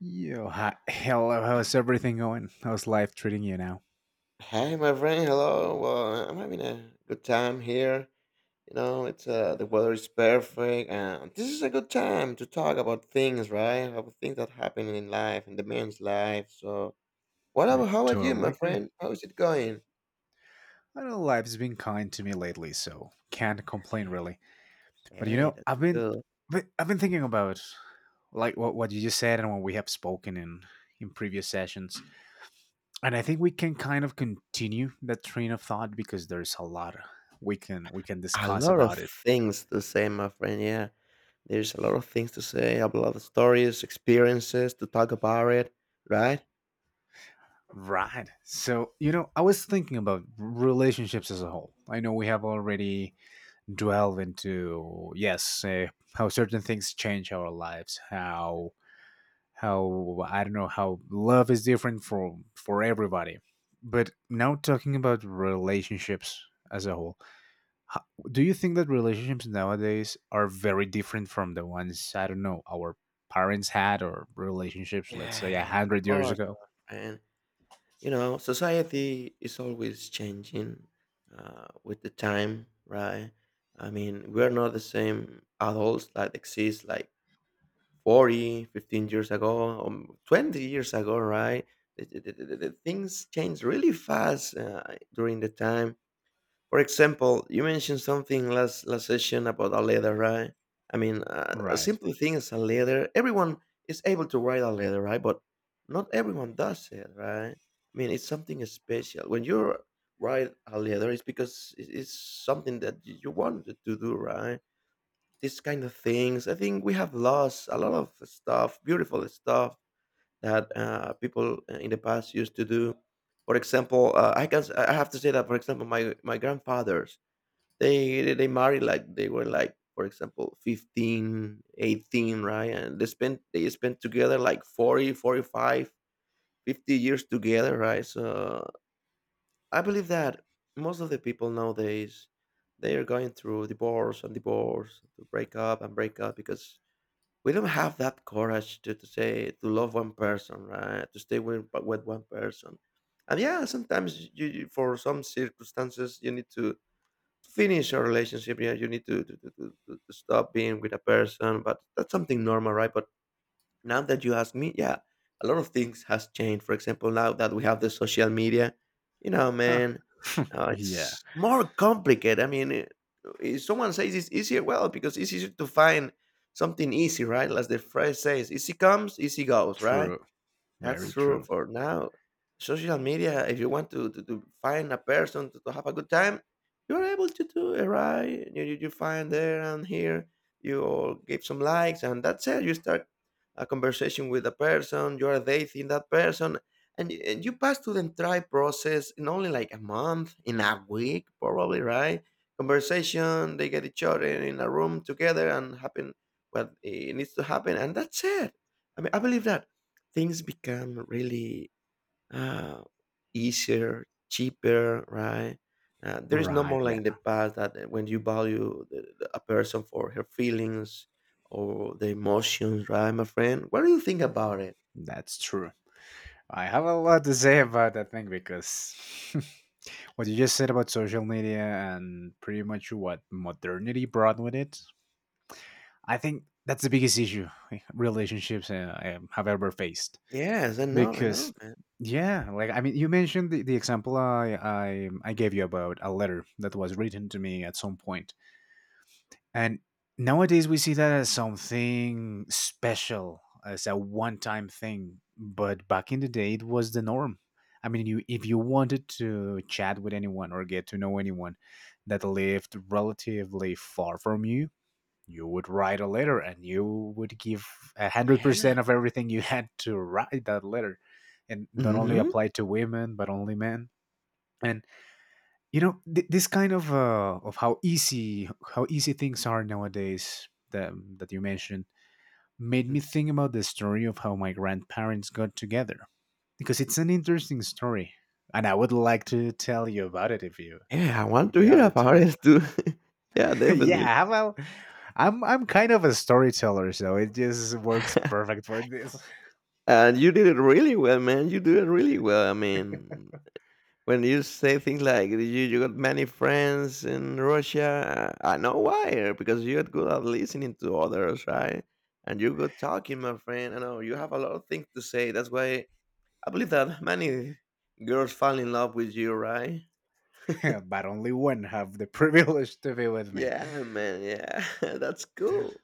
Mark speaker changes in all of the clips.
Speaker 1: Yo, hi. Hello, how's everything going? How's life treating you now?
Speaker 2: Hey, my friend. Hello. Well, I'm having a good time here. You know, it's the weather is perfect, and this is a good time to talk about things, right? About things that happen in life, in the man's life. So, what
Speaker 1: I
Speaker 2: about how about you, my
Speaker 1: totally agree.
Speaker 2: friend? How is it going?
Speaker 1: I know life's been kind to me lately, so can't complain really. But you
Speaker 2: Hey,
Speaker 1: know,
Speaker 2: that's
Speaker 1: I've been,
Speaker 2: cool.
Speaker 1: I've been thinking about like what you just said and what we have spoken in previous sessions, and I think we can kind of continue that train of thought because there's a lot we can
Speaker 2: A
Speaker 1: discuss
Speaker 2: lot of
Speaker 1: about it.
Speaker 2: things to say, my friend. Yeah, there's a lot of things to say, a lot of stories, experiences to talk about it, right?
Speaker 1: Right. So you know, I was thinking about relationships as a whole. I know we have already delve into yes how certain things change our lives, how I don't know how love is different for everybody, but now talking about relationships as a whole, how, do you think that relationships nowadays are very different from the ones, I don't know, our parents had, or relationships let's say a
Speaker 2: Yeah, of
Speaker 1: hundred years
Speaker 2: course, my
Speaker 1: ago?
Speaker 2: friend. You know, society is always changing with the time, right? I mean, we're not the same adults that exist like 40, 15 years ago, or 20 years ago, right? The things change really fast during the time. For example, you mentioned something last session about a letter, right? I mean, a
Speaker 1: Right.
Speaker 2: simple thing is a letter. Everyone is able to write a letter, right? But not everyone does it, right? I mean, it's something special. When you write a letter, it's because it's something that you wanted to do, right? These kind of things. I think we have lost a lot of stuff, beautiful stuff that people in the past used to do. For example, I have to say that, for example, my grandfather, they married like they were like, for example, 15, 18, right? And they spent together like 40, 45, 50 years together, right? So I believe that most of the people nowadays, they are going through divorce and divorce, to break up and break up, because we don't have that courage to say to love one person, right? To stay with one person. And yeah, sometimes you for some circumstances, you need to finish a relationship. Yeah, you need to stop being with a person, but that's something normal, right? But now that you ask me, yeah, a lot of things has changed. For example, now that we have the social media, you know,
Speaker 1: Huh.
Speaker 2: man,
Speaker 1: Yeah.
Speaker 2: it's more complicated. I mean, if someone says it's easier, well, because it's easier to find something easy, right? As the phrase says, easy comes, easy goes, right?
Speaker 1: True. Very
Speaker 2: That's true
Speaker 1: true.
Speaker 2: for now. Social media, if you want to find a person to have a good time, you're able to do it, right? You find there and here, you all give some likes, and that's it. You start a conversation with a person, you are dating that person, and you pass through the entire process in only like a month, in a week, probably, right? Conversation, they get each other in a room together, and happen what needs to happen, and that's it. I mean, I believe that things become really uh, easier, cheaper, right? There is no
Speaker 1: Right.
Speaker 2: more like
Speaker 1: Yeah,
Speaker 2: in the past that when you value a person for her feelings or the emotions, right, my friend? What do you think about it?
Speaker 1: that's true. I have a lot to say about that thing because what you just said about social media and pretty much what modernity brought with it, I think that's the biggest issue, relationships I have ever faced.
Speaker 2: Yes, I know,
Speaker 1: Because,
Speaker 2: man.
Speaker 1: yeah, like I mean, you mentioned the example I gave you about a letter that was written to me at some point, and nowadays we see that as something special, as a one time thing. But back in the day, it was the norm. I mean, you if you wanted to chat with anyone or get to know anyone that lived relatively far from you, you would write a letter and you would give a hundred
Speaker 2: Yeah.
Speaker 1: percent of everything you had to write that letter, and not only
Speaker 2: Hmm.
Speaker 1: applied to women but only men. And you know this kind of how easy things are nowadays that that you mentioned, made me think about the story of how my grandparents got together because it's an interesting story and I would like to tell you about it
Speaker 2: Yeah, I want
Speaker 1: if
Speaker 2: to
Speaker 1: you have
Speaker 2: hear
Speaker 1: the
Speaker 2: about
Speaker 1: time.
Speaker 2: it too. Yeah, definitely.
Speaker 1: Yeah, well, I'm kind of a storyteller, so it just works perfect for this.
Speaker 2: And you did it really well, man. You did it really well. I mean, when you say things like you got many friends in Russia, I know why. Because you're good at listening to others, right? And you're good talking, my friend. I know you have a lot of things to say. That's why I believe that many girls fall in love with you, right?
Speaker 1: But only one have the privilege to be with me.
Speaker 2: Yeah, man. Yeah, that's cool.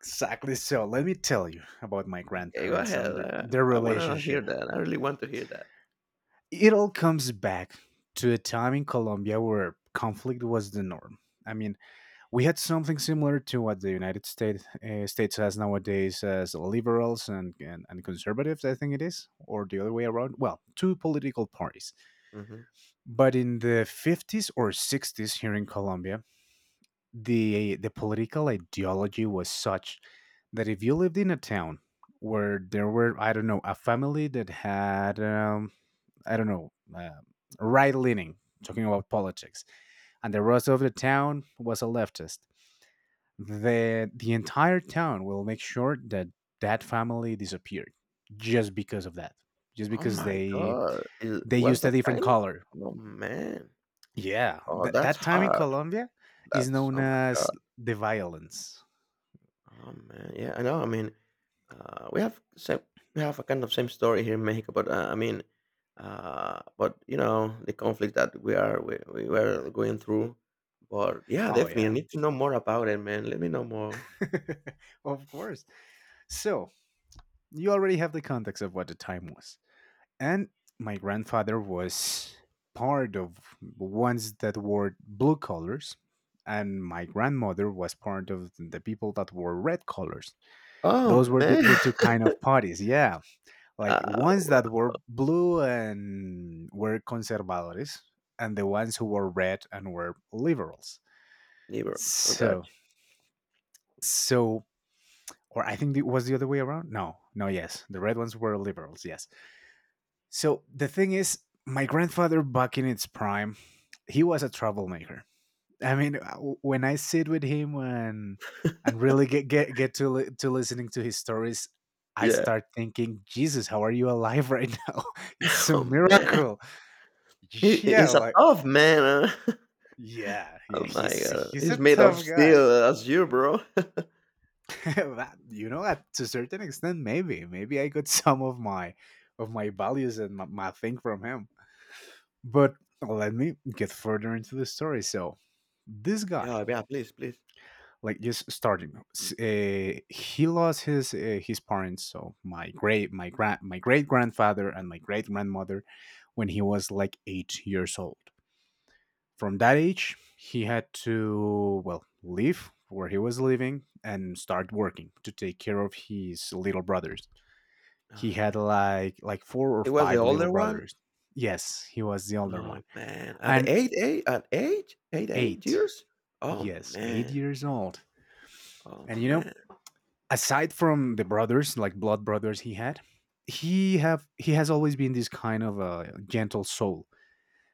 Speaker 1: Exactly. So let me tell you about my
Speaker 2: Okay, go
Speaker 1: grandparents
Speaker 2: ahead.
Speaker 1: and
Speaker 2: I,
Speaker 1: their
Speaker 2: I want to hear
Speaker 1: relationship.
Speaker 2: that. I really want to hear that.
Speaker 1: It all comes back to a time in Colombia where conflict was the norm. I mean, we had something similar to what the United States States has nowadays as liberals and, and conservatives, I think it is, or the other way around. Well, two political parties.
Speaker 2: Mhm.
Speaker 1: But in the 50s or 60s here in Colombia, the political ideology was such that if you lived in a town where there were, I don't know, a family that had I don't know, uh, right leaning, talking about politics, and the rest of the town was a leftist. The entire town will make sure that that family disappeared just because of that, just
Speaker 2: Oh
Speaker 1: because
Speaker 2: my god, is
Speaker 1: they
Speaker 2: what's
Speaker 1: used a
Speaker 2: that
Speaker 1: different
Speaker 2: time?
Speaker 1: color.
Speaker 2: Oh man.
Speaker 1: Yeah,
Speaker 2: Oh, that's
Speaker 1: that time in
Speaker 2: hard.
Speaker 1: Colombia is
Speaker 2: That's
Speaker 1: known
Speaker 2: Oh my
Speaker 1: as
Speaker 2: god.
Speaker 1: the violence.
Speaker 2: Oh man. Yeah, I know. I mean, we have same, we have a kind of same story here in Mexico, but I mean, but you know the conflict that we were going through. But yeah,
Speaker 1: Oh
Speaker 2: definitely,
Speaker 1: yeah,
Speaker 2: I need to know more about it, man. Let me know more.
Speaker 1: of course. So you already have the context of what the time was. And my grandfather was part of ones that wore blue colors and my grandmother was part of the people that wore red colors.
Speaker 2: Oh
Speaker 1: Those were
Speaker 2: man,
Speaker 1: the two kind of parties. Yeah, like
Speaker 2: uh,
Speaker 1: ones
Speaker 2: w-
Speaker 1: that were blue and were conservadores and the ones who were red and were liberals.
Speaker 2: liberals. Oh god,
Speaker 1: So so or I think it was the other way around. No, no, yes, the red ones were liberals, yes. So the thing is, my grandfather back in its prime, he was a troublemaker. I mean, when I sit with him and really get to listening to his stories, I
Speaker 2: yeah.
Speaker 1: start thinking, Jesus, how are you alive right now? It's a
Speaker 2: Oh man,
Speaker 1: miracle.
Speaker 2: he,
Speaker 1: Yeah,
Speaker 2: he's a
Speaker 1: like
Speaker 2: tough man. Huh?
Speaker 1: yeah, yeah,
Speaker 2: Oh my
Speaker 1: he's
Speaker 2: god,
Speaker 1: he's a
Speaker 2: he's made of
Speaker 1: tough guy.
Speaker 2: steel as you, bro.
Speaker 1: That- you know, at, to a certain extent, maybe I got some of my values and my thing from him. But let me get further into the story. So, this guy,
Speaker 2: Yeah, yeah. Please, please.
Speaker 1: like just starting, he lost his parents. So my great my grand my great grandfather and my great grandmother, when he was like eight years old. From that age, he had to well leave where he was living and start working to take care of his little brothers. He
Speaker 2: Oh
Speaker 1: had
Speaker 2: man,
Speaker 1: like four or
Speaker 2: he was the
Speaker 1: five little
Speaker 2: older one.
Speaker 1: brothers. Yes, he was the older
Speaker 2: Oh,
Speaker 1: one.
Speaker 2: man. At the
Speaker 1: And
Speaker 2: 8 8 at age? 8 8
Speaker 1: eight.
Speaker 2: years? Oh,
Speaker 1: Yes, eight
Speaker 2: man.
Speaker 1: years old.
Speaker 2: Oh,
Speaker 1: And you know,
Speaker 2: man.
Speaker 1: aside from the brothers, like blood brothers he had, he has always been this kind of a gentle soul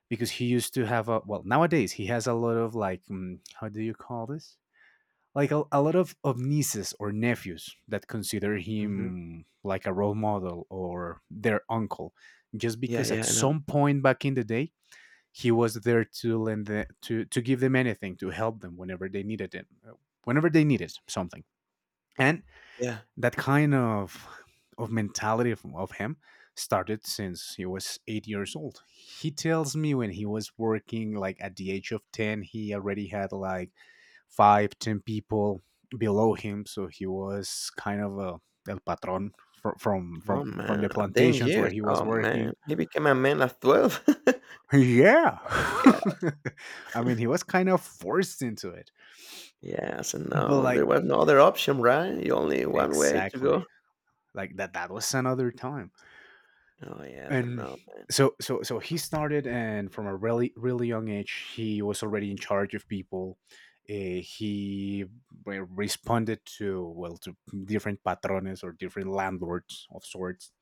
Speaker 1: because he used to have a well nowadays he has a lot of like how do you call this, like a lot of nieces or nephews that consider
Speaker 2: Mhm.
Speaker 1: him like a role model or their uncle, just
Speaker 2: Yeah,
Speaker 1: because at
Speaker 2: yeah, I know.
Speaker 1: some point back in the day he was there to lend the, to give them anything to help them whenever they needed it, whenever they needed something. And
Speaker 2: Yeah.
Speaker 1: that kind of mentality of him started since he was eight years old. He tells me when he was working like at the age of 10 he already had like five ten people below him, so he was kind of a el patron from from from
Speaker 2: Oh,
Speaker 1: from
Speaker 2: man.
Speaker 1: the
Speaker 2: At 10
Speaker 1: plantations where
Speaker 2: years?
Speaker 1: he was
Speaker 2: Oh,
Speaker 1: working.
Speaker 2: man. He became a man at 12.
Speaker 1: Yeah.
Speaker 2: God.
Speaker 1: I mean, he was kind of forced into it.
Speaker 2: Yes, and
Speaker 1: But
Speaker 2: no,
Speaker 1: like
Speaker 2: there was no other option, right? You only one way to
Speaker 1: exactly.
Speaker 2: go.
Speaker 1: Like that that was another time.
Speaker 2: Oh, yes, and
Speaker 1: And
Speaker 2: no, man.
Speaker 1: so he started, and from a really really young age he was already in charge of people. He re- responded to well to different patrones or different landlords of sorts.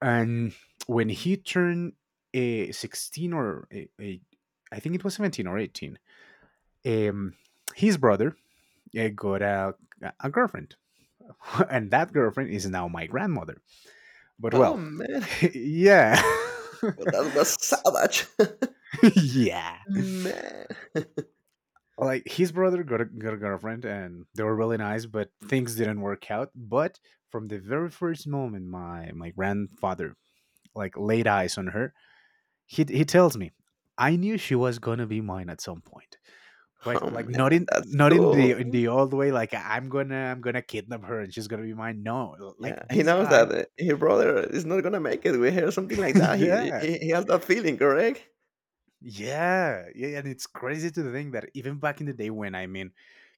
Speaker 1: And when he turned 16 or I think it was 17 or 18, um, his brother got a girlfriend, and that girlfriend is now my grandmother. But
Speaker 2: Oh,
Speaker 1: well,
Speaker 2: man.
Speaker 1: yeah,
Speaker 2: Well, that was savage.
Speaker 1: yeah.
Speaker 2: Man.
Speaker 1: Like his brother got a girlfriend, and they were really nice, but things didn't work out. But from the very first moment, my grandfather like laid eyes on her. He tells me, I knew she was gonna be mine at some point. But
Speaker 2: Oh,
Speaker 1: like not
Speaker 2: man.
Speaker 1: in
Speaker 2: That's
Speaker 1: not in the
Speaker 2: cool.
Speaker 1: in the old way, like I'm gonna I'm gonna kidnap her and she's gonna be mine. No, like
Speaker 2: Yeah, he
Speaker 1: this
Speaker 2: knows
Speaker 1: guy
Speaker 2: that his brother is not gonna make it with her, something like that. He
Speaker 1: yeah
Speaker 2: he, he has that feeling, correct?
Speaker 1: yeah and it's crazy to think that even back in the day when, I mean,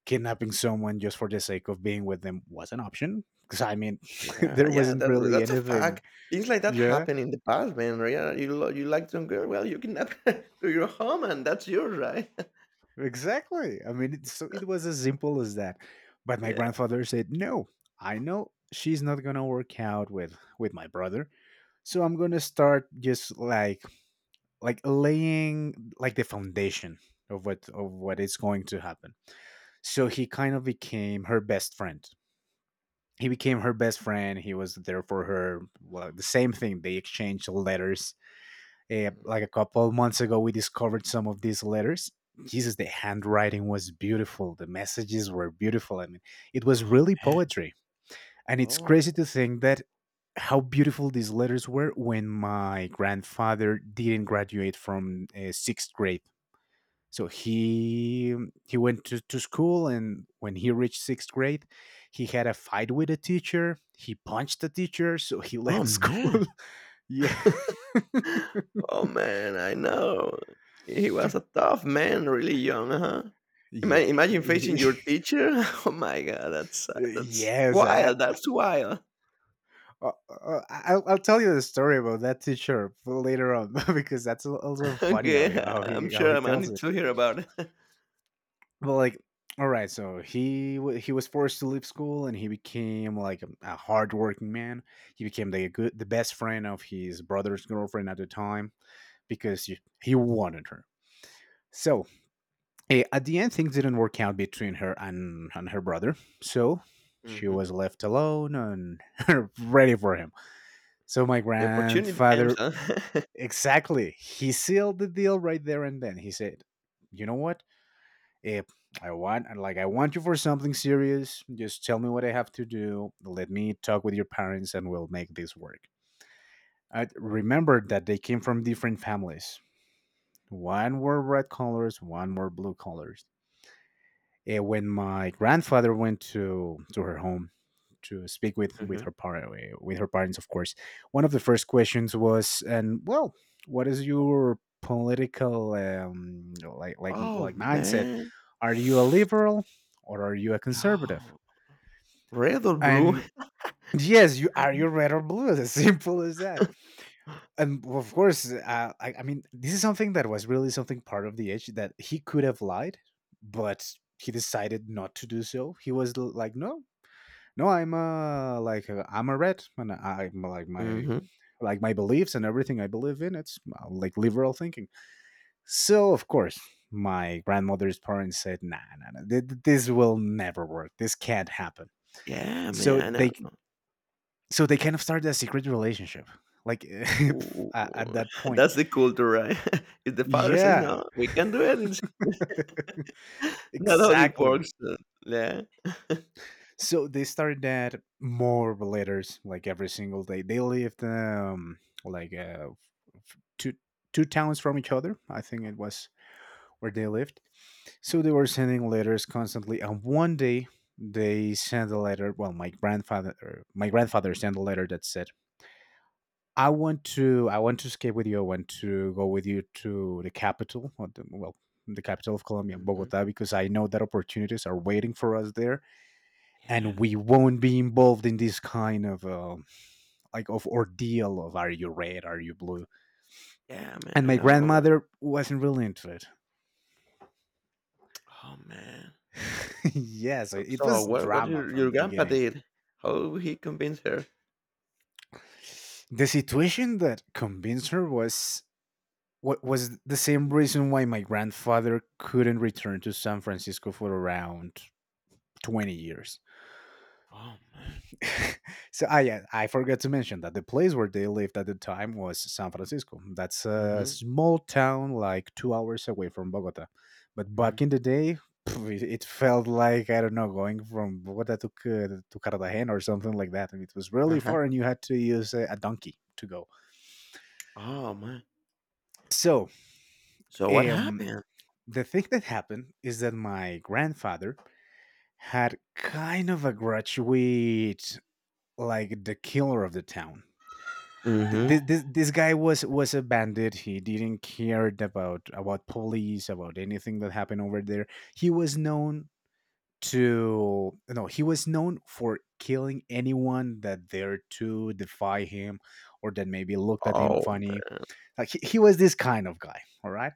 Speaker 1: kidnapping someone just for the sake of being with them was an option, because I mean
Speaker 2: Yeah,
Speaker 1: there
Speaker 2: yeah,
Speaker 1: wasn't
Speaker 2: that,
Speaker 1: really
Speaker 2: that's a
Speaker 1: anything.
Speaker 2: fact. Things like that
Speaker 1: Yeah,
Speaker 2: happen in the past, man. Right? Yeah, you like some girl, well, you kidnap her to your home, and that's yours, right?
Speaker 1: exactly. I mean, it's so it was as simple as that. But my
Speaker 2: Yeah.
Speaker 1: grandfather said no. I know she's not gonna work out with my brother. So I'm gonna start just like laying like the foundation of what is going to happen. So he kind of became her best friend. He became her best friend. He was there for her. Well, the same thing. They exchanged letters. Eh,
Speaker 2: Mm.
Speaker 1: like a couple of months ago, we discovered some of these letters. Jesus, the handwriting was beautiful. The messages were beautiful. I mean, it was
Speaker 2: Oh
Speaker 1: really
Speaker 2: man.
Speaker 1: poetry. And it's crazy to
Speaker 2: Oh,
Speaker 1: think that how beautiful these letters were when my grandfather didn't graduate from sixth grade. So he went to school, and when he reached sixth grade, he had a fight with a teacher. He punched the teacher, so he
Speaker 2: Oh
Speaker 1: left school.
Speaker 2: man.
Speaker 1: Yeah,
Speaker 2: Oh man, I know. He was a tough man, really young, huh? Ima-
Speaker 1: yeah,
Speaker 2: Imagine facing your teacher. Oh my god, that's uh, that's
Speaker 1: yes.
Speaker 2: wild. That's wild.
Speaker 1: I'll tell you the story about that teacher later on because that's also funny how
Speaker 2: Okay,
Speaker 1: he, how
Speaker 2: I'm
Speaker 1: he how
Speaker 2: sure
Speaker 1: he
Speaker 2: I'm I
Speaker 1: tells
Speaker 2: need
Speaker 1: it.
Speaker 2: to hear about it.
Speaker 1: Well, like, all right, so he was forced to leave school, and he became like a hardworking man. He became the good, the best friend of his brother's girlfriend at the time because he wanted her. So at the end, things didn't work out between her and her brother. So she
Speaker 2: Mhm.
Speaker 1: was left alone and ready for him. So my
Speaker 2: The opportunity comes,
Speaker 1: grandfather,
Speaker 2: huh?
Speaker 1: exactly, he sealed the deal right there and then. He said, "You know what? If I want like I want you for something serious, just tell me what I have to do. Let me talk with your parents and we'll make this work." I remembered that they came from different families. One were red collars, one were blue collars. When my grandfather went to her home to speak with
Speaker 2: Mhm.
Speaker 1: with her parents, of course, one of the first questions was, "And well, what is your political like like
Speaker 2: Oh,
Speaker 1: like mindset?
Speaker 2: man.
Speaker 1: Are you a liberal or are you a conservative?"
Speaker 2: Oh, red or blue?
Speaker 1: And yes, you are you red or blue? As simple as that. And well, of course, I mean, this is something that was really something part of the edge that he could have lied, but he decided not to do so. He was like, no, no, I'm I'm a red, and I'm like
Speaker 2: Mhm.
Speaker 1: my beliefs and everything I believe in. It's like liberal thinking. So of course, my grandmother's parents said, nah, nah, nah, this will never work. This can't happen.
Speaker 2: Yeah,
Speaker 1: So
Speaker 2: man, I know.
Speaker 1: they kind of started a secret relationship, like
Speaker 2: Ooh,
Speaker 1: at that point.
Speaker 2: that's the culture, right? If the father says,
Speaker 1: Yeah,
Speaker 2: "No, we can't do it," it's not how it
Speaker 1: exactly.
Speaker 2: works, yeah.
Speaker 1: So they started that more letters like every single day. They lived like uh f- two two towns from each other. I think it was where they lived. So they were sending letters constantly, and one day they sent a letter. Well, my grandfather sent a letter that said, I want to escape with you. I want to go with you to the capital, or the capital of Colombia,
Speaker 2: Mhm.
Speaker 1: Bogota, because I know that opportunities are waiting for us there,
Speaker 2: Yeah,
Speaker 1: and we won't be involved in this kind of of ordeal of are you red are you blue."
Speaker 2: yeah, man,
Speaker 1: And
Speaker 2: I
Speaker 1: my
Speaker 2: know.
Speaker 1: grandmother wasn't really into it.
Speaker 2: Oh, man.
Speaker 1: Yes, it
Speaker 2: So
Speaker 1: was
Speaker 2: what
Speaker 1: drama
Speaker 2: your
Speaker 1: from
Speaker 2: your
Speaker 1: the
Speaker 2: grandpa
Speaker 1: beginning.
Speaker 2: did? How he convinced her?
Speaker 1: The situation that convinced her was what was the same reason why my grandfather couldn't return to san francisco for around 20 years.
Speaker 2: Oh, man.
Speaker 1: So ah yeah, I forgot to mention that the place where they lived at the time was San Francisco. That's a
Speaker 2: Mhm,
Speaker 1: small town like 2 hours away from Bogota. But
Speaker 2: mhm,
Speaker 1: back in the day, pff, it felt like I don't know, going from Bogota to Cartagena or something like that. And it was really
Speaker 2: uh-huh.
Speaker 1: far, and you had to use a donkey to go.
Speaker 2: Oh, man.
Speaker 1: So
Speaker 2: So what
Speaker 1: um,
Speaker 2: happened?
Speaker 1: the thing that happened is that my grandfather had kind of a grudge with like the killer of the town.
Speaker 2: Mhm.
Speaker 1: This guy was a bandit. He didn't care about police, about anything that happened over there. He was known to no He was known for killing anyone that dared to defy him, or that maybe looked at him
Speaker 2: Oh,
Speaker 1: funny. Like he was this kind of guy, all right.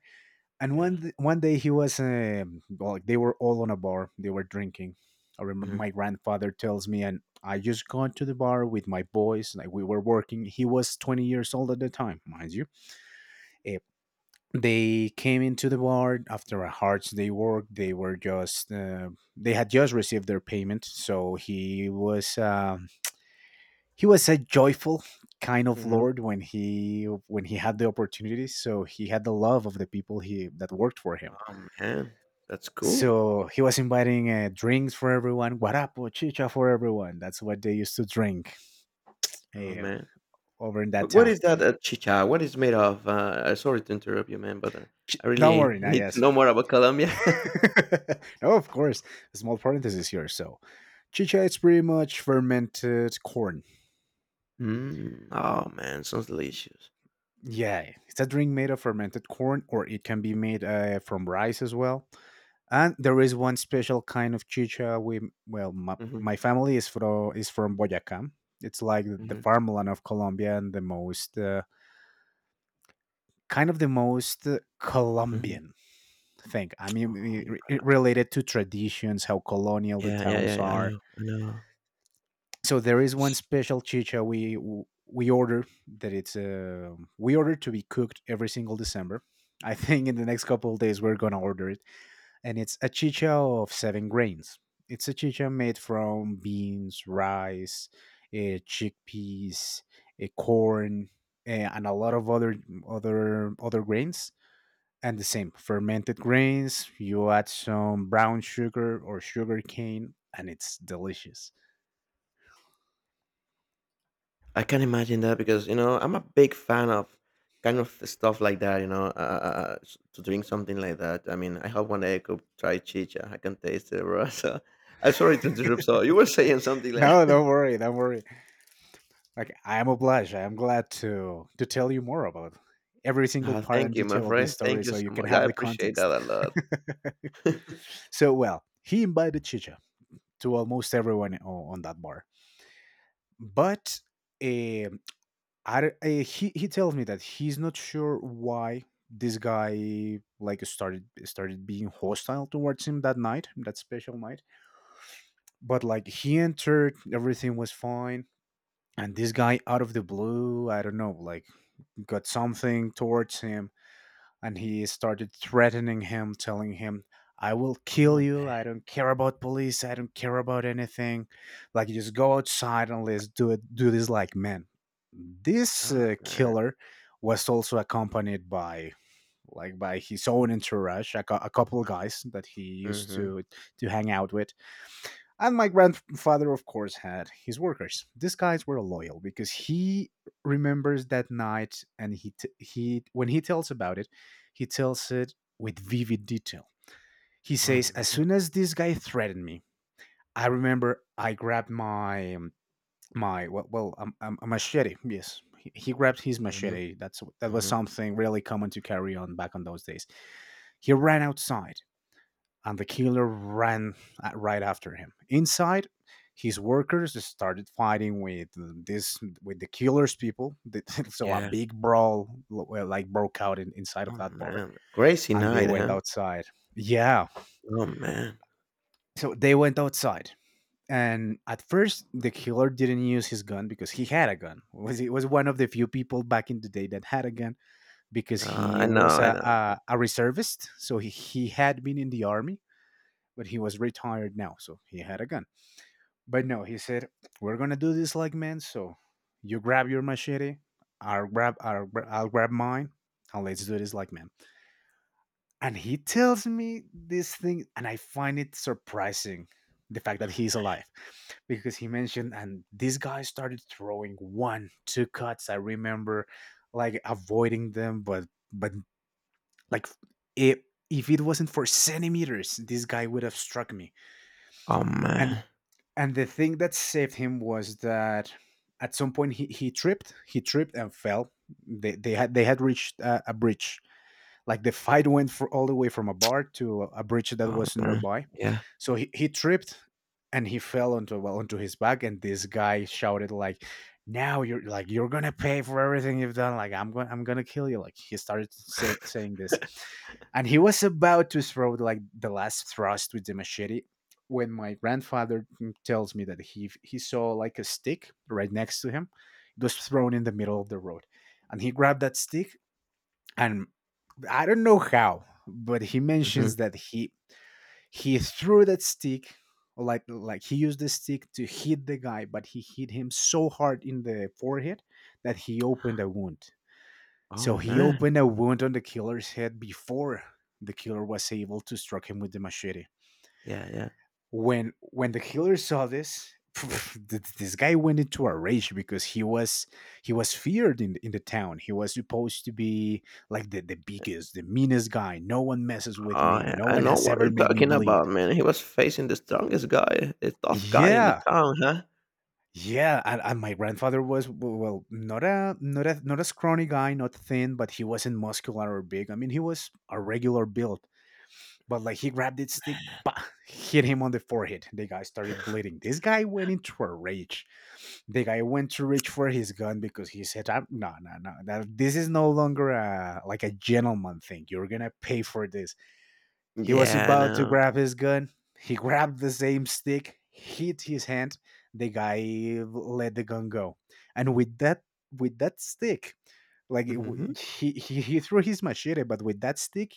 Speaker 1: And
Speaker 2: yeah.
Speaker 1: one day he was well, they were all on a bar, they were drinking. I remember
Speaker 2: Mhm,
Speaker 1: my grandfather tells me, and I just gone to the bar with my boys like we were working. He was 20 years old at the time, mind you. Eh, they came into the bar after a hard day work. They were just they had just received their payment, so he was a joyful kind of
Speaker 2: mhm.
Speaker 1: lord when he had the opportunity. So he had the love of the people he that worked for him.
Speaker 2: Oh, man. That's cool.
Speaker 1: So he was inviting drinks for everyone, guarapo, chicha for everyone. That's what they used to drink,
Speaker 2: Oh,
Speaker 1: eh,
Speaker 2: man.
Speaker 1: over in that
Speaker 2: What
Speaker 1: town.
Speaker 2: is that, chicha? What is made of? Sorry to interrupt you, man, but, I
Speaker 1: Don't
Speaker 2: really
Speaker 1: worry, not
Speaker 2: need to
Speaker 1: yes.
Speaker 2: know more about Colombia.
Speaker 1: No, of course. A small parenthesis here. So chicha is pretty much fermented corn.
Speaker 2: Mm. Oh, man. Sounds delicious.
Speaker 1: Yeah, it's a drink made of fermented corn, or it can be made from rice as well. And there is one special kind of chicha.
Speaker 2: Mhm,
Speaker 1: My family is from Boyacá. It's like the
Speaker 2: mhm,
Speaker 1: farmland of Colombia and the most. Kind of the most
Speaker 2: mhm.
Speaker 1: Colombian thing. I mean,
Speaker 2: Oh,
Speaker 1: related to traditions, how colonial the
Speaker 2: yeah, yeah,
Speaker 1: towns
Speaker 2: yeah, yeah. I
Speaker 1: are.
Speaker 2: know, I know.
Speaker 1: So there is one special chicha we order that it's we order to be cooked every single December. I think in the next couple of days we're gonna order it, and it's a chicha of seven grains. It's a chicha made from beans, rice, chickpeas, corn, eh, and a lot of other grains. And the same, fermented grains, you add some brown sugar or sugar cane, and it's delicious.
Speaker 2: I can imagine that because you know I'm a big fan of kind of stuff like that. You know, to drink something like that. I mean, I hope one day I could try chicha. I can taste it, bro. So I'm sorry to interrupt. So you were saying something like,
Speaker 1: No, don't worry, don't worry. Like I am obliged. I am glad to tell you more about every single
Speaker 2: Ah,
Speaker 1: part and
Speaker 2: "Thank you, my
Speaker 1: detail of this
Speaker 2: friend.
Speaker 1: story
Speaker 2: Thank you
Speaker 1: so you
Speaker 2: so
Speaker 1: can
Speaker 2: much.
Speaker 1: have
Speaker 2: I
Speaker 1: the
Speaker 2: appreciate
Speaker 1: context.
Speaker 2: that a lot."
Speaker 1: So well, he invited Chicha to almost everyone on that bar. But eh, he tells me that he's not sure why this guy like started being hostile towards him that night, that special night. But like he entered, everything was fine, and this guy out of the blue, I don't know, like got something towards him, and he started threatening him, telling him, I will
Speaker 2: Oh
Speaker 1: kill you.
Speaker 2: man,
Speaker 1: I don't care about police. I don't care about anything. Like, just go outside and let's do it. Do this like men. This
Speaker 2: oh man,
Speaker 1: killer was also accompanied by like by his own entourage, a couple of guys that he used
Speaker 2: mm-hmm.
Speaker 1: to hang out with. And my grandfather, of course, had his workers. These guys were loyal because he remembers that night, and he t- he when he tells about it, he tells it with vivid detail. He
Speaker 2: Oh
Speaker 1: says, "As
Speaker 2: man,
Speaker 1: soon as this guy threatened me, I remember I grabbed my a machete." Yes, he grabbed his
Speaker 2: mm-hmm.
Speaker 1: machete. That was
Speaker 2: Mm-hmm.
Speaker 1: something really common to carry on back on those days. He ran outside, and the killer ran right after him. Inside, his workers started fighting with this with the killer's people. So a
Speaker 2: Yeah,
Speaker 1: big brawl well, like broke out in, inside of
Speaker 2: oh
Speaker 1: that bar,
Speaker 2: man, crazy
Speaker 1: and they
Speaker 2: night,
Speaker 1: went
Speaker 2: huh?
Speaker 1: outside. Yeah,
Speaker 2: Oh man,
Speaker 1: so they went outside. And at first, the killer didn't use his gun because he had a gun. It Was he was one of the few people back in the day that had a gun, because he
Speaker 2: I know,
Speaker 1: was
Speaker 2: I know.
Speaker 1: a reservist. So he had been in the army, but he was retired now, so he had a gun. But no, he said, "We're gonna do this like men. So you grab your machete, I'll grab mine, and let's do this like men." And he tells me this thing, and I find it surprising the fact that he's alive, because he mentioned, and this guy started throwing one, two cuts. I remember, like avoiding them, but like it. If it wasn't for centimeters, this guy would have struck me.
Speaker 2: Oh
Speaker 1: And
Speaker 2: man,
Speaker 1: And the thing that saved him was that at some point he tripped and fell. They had reached a bridge. Like the fight went for all the way from a bar to a bridge that
Speaker 2: oh
Speaker 1: was
Speaker 2: man,
Speaker 1: nearby.
Speaker 2: yeah.
Speaker 1: So he tripped and he fell onto well onto his back, and this guy shouted like, "Now you're like you're gonna pay for everything you've done. Like, I'm gonna kill you." Like, he started saying this, and he was about to throw like the last thrust with the machete when my grandfather tells me that he saw like a stick right next to him. It was thrown in the middle of the road, and he grabbed that stick. And I don't know how, but he
Speaker 2: Mhm.
Speaker 1: mentions that he threw that stick. He used the stick to hit the guy, but he hit him so hard in the forehead that he opened a wound.
Speaker 2: Oh,
Speaker 1: So he
Speaker 2: man.
Speaker 1: opened a wound on the killer's head before the killer was able to strike him with the machete.
Speaker 2: Yeah, yeah.
Speaker 1: When the healer saw this, this guy went into a rage, because he was feared in the town. He was supposed to be like the biggest, the meanest guy, no one messes with
Speaker 2: Oh,
Speaker 1: me,
Speaker 2: yeah,
Speaker 1: no
Speaker 2: I
Speaker 1: one
Speaker 2: know
Speaker 1: has
Speaker 2: what
Speaker 1: ever
Speaker 2: you're
Speaker 1: made me
Speaker 2: talking
Speaker 1: bleed.
Speaker 2: about, man. He was facing the strongest guy, the tough guy in the
Speaker 1: Yeah,
Speaker 2: town, huh?
Speaker 1: yeah. And my grandfather was well, not a scrawny guy, not thin, but he wasn't muscular or big. I mean, he was a regular build. But like he grabbed his stick, bah, hit him on the forehead. The guy started bleeding. This guy went into a rage. The guy went to reach for his gun because he said, "No, no, no. This is no longer a, like a gentleman thing. You're gonna pay for this." He was
Speaker 2: Yeah, I
Speaker 1: about to
Speaker 2: know.
Speaker 1: grab his gun. He grabbed the same stick, hit his hand. The guy let the gun go, and with that stick, like
Speaker 2: Mhm.
Speaker 1: he threw his machete, but with that stick,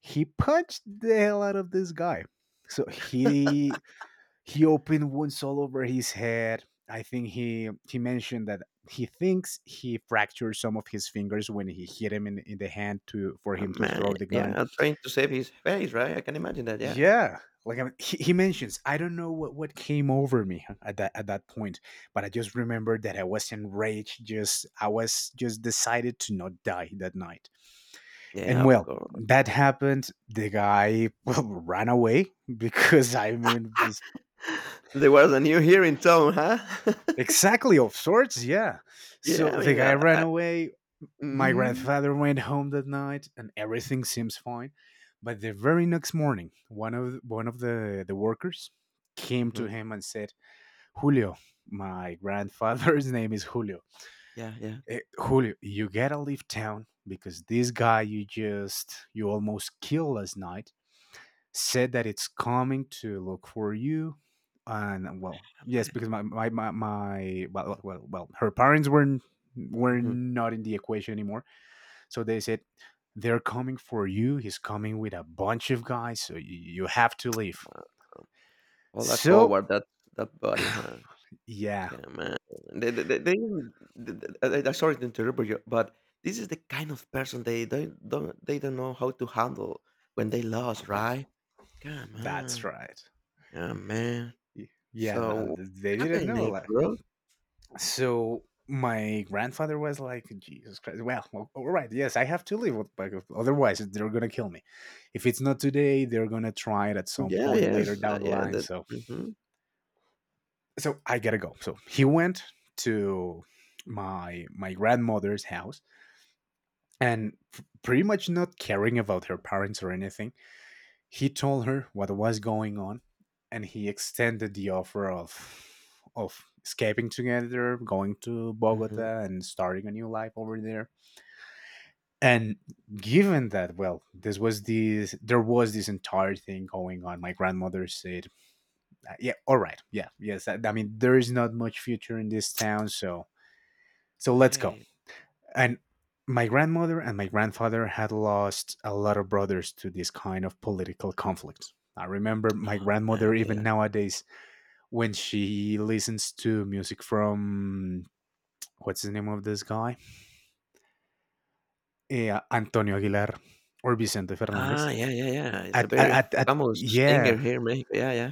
Speaker 1: he punched the hell out of this guy. So he opened wounds all over his head. I think he mentioned that he thinks he fractured some of his fingers when he hit him in the hand to for
Speaker 2: Oh,
Speaker 1: him to
Speaker 2: man.
Speaker 1: throw the gun.
Speaker 2: Yeah, trying to save his face, right? I can imagine that, yeah.
Speaker 1: Yeah, he mentions, I don't know what came over me at that point, but I just remembered that I was enraged. Just I was just decided to not die that night. And
Speaker 2: Yeah, of
Speaker 1: well,
Speaker 2: course.
Speaker 1: that happened. The guy ran away because I mean, just
Speaker 2: There was a new here in town, huh?
Speaker 1: exactly of sorts, yeah.
Speaker 2: Yeah,
Speaker 1: So
Speaker 2: I
Speaker 1: the
Speaker 2: mean,
Speaker 1: guy ran
Speaker 2: I
Speaker 1: away. My
Speaker 2: mhm.
Speaker 1: grandfather went home that night, and everything seems fine. But the very next morning, one of the workers came to
Speaker 2: Mhm.
Speaker 1: him and said, "Julio, my grandfather's name is Julio.
Speaker 2: Yeah, yeah.
Speaker 1: Julio, you gotta leave town because this guy you almost killed last night said that it's coming to look for you." And well,
Speaker 2: Oh,
Speaker 1: yes,
Speaker 2: man.
Speaker 1: because my well, her parents were
Speaker 2: Mhm.
Speaker 1: not in the equation anymore, so they said, "They're coming for you. He's coming with a bunch of guys, so you have to leave."
Speaker 2: Wow. All that
Speaker 1: so
Speaker 2: coward, that body, huh?
Speaker 1: yeah
Speaker 2: Come on. They even th I sorry to interrupt you, but this is the kind of person they don't know how to handle when they lost, right? Come
Speaker 1: that's
Speaker 2: on.
Speaker 1: right.
Speaker 2: Yeah, man. So
Speaker 1: Yeah. And
Speaker 2: what
Speaker 1: they didn't
Speaker 2: happened
Speaker 1: know,
Speaker 2: next,
Speaker 1: like.
Speaker 2: bro?
Speaker 1: So my grandfather was like, "Jesus Christ. Well, well, all right. Yes, I have to leave. Otherwise, they're going to kill me. If it's not today, they're going to try it at some
Speaker 2: Yeah,
Speaker 1: point later
Speaker 2: yes.
Speaker 1: down the
Speaker 2: Yeah,
Speaker 1: line.
Speaker 2: that
Speaker 1: So,
Speaker 2: mhm,
Speaker 1: so I got to go." So he went to my grandmother's house and p- pretty much not caring about her parents or anything. He told her what was going on, and he extended the offer of escaping together, going to
Speaker 2: mhm.
Speaker 1: Bogota and starting a new life over there. And given that, well, this was this there was this entire thing going on. My grandmother said, "Yeah, all right, yeah, yes. I mean, there is not much future in this town, so so let's go."
Speaker 2: Hey.
Speaker 1: And my grandmother and my grandfather had lost a lot of brothers to this kind of political conflict. I remember
Speaker 2: Oh,
Speaker 1: my
Speaker 2: man,
Speaker 1: grandmother, even
Speaker 2: yeah.
Speaker 1: nowadays, when she listens to music from, what's the name of this guy? Yeah, Antonio Aguilar or Vicente Fernandez.
Speaker 2: Ah, yeah, yeah, yeah. It's a very famous singer
Speaker 1: Yeah,
Speaker 2: here in Mexico. Yeah, yeah.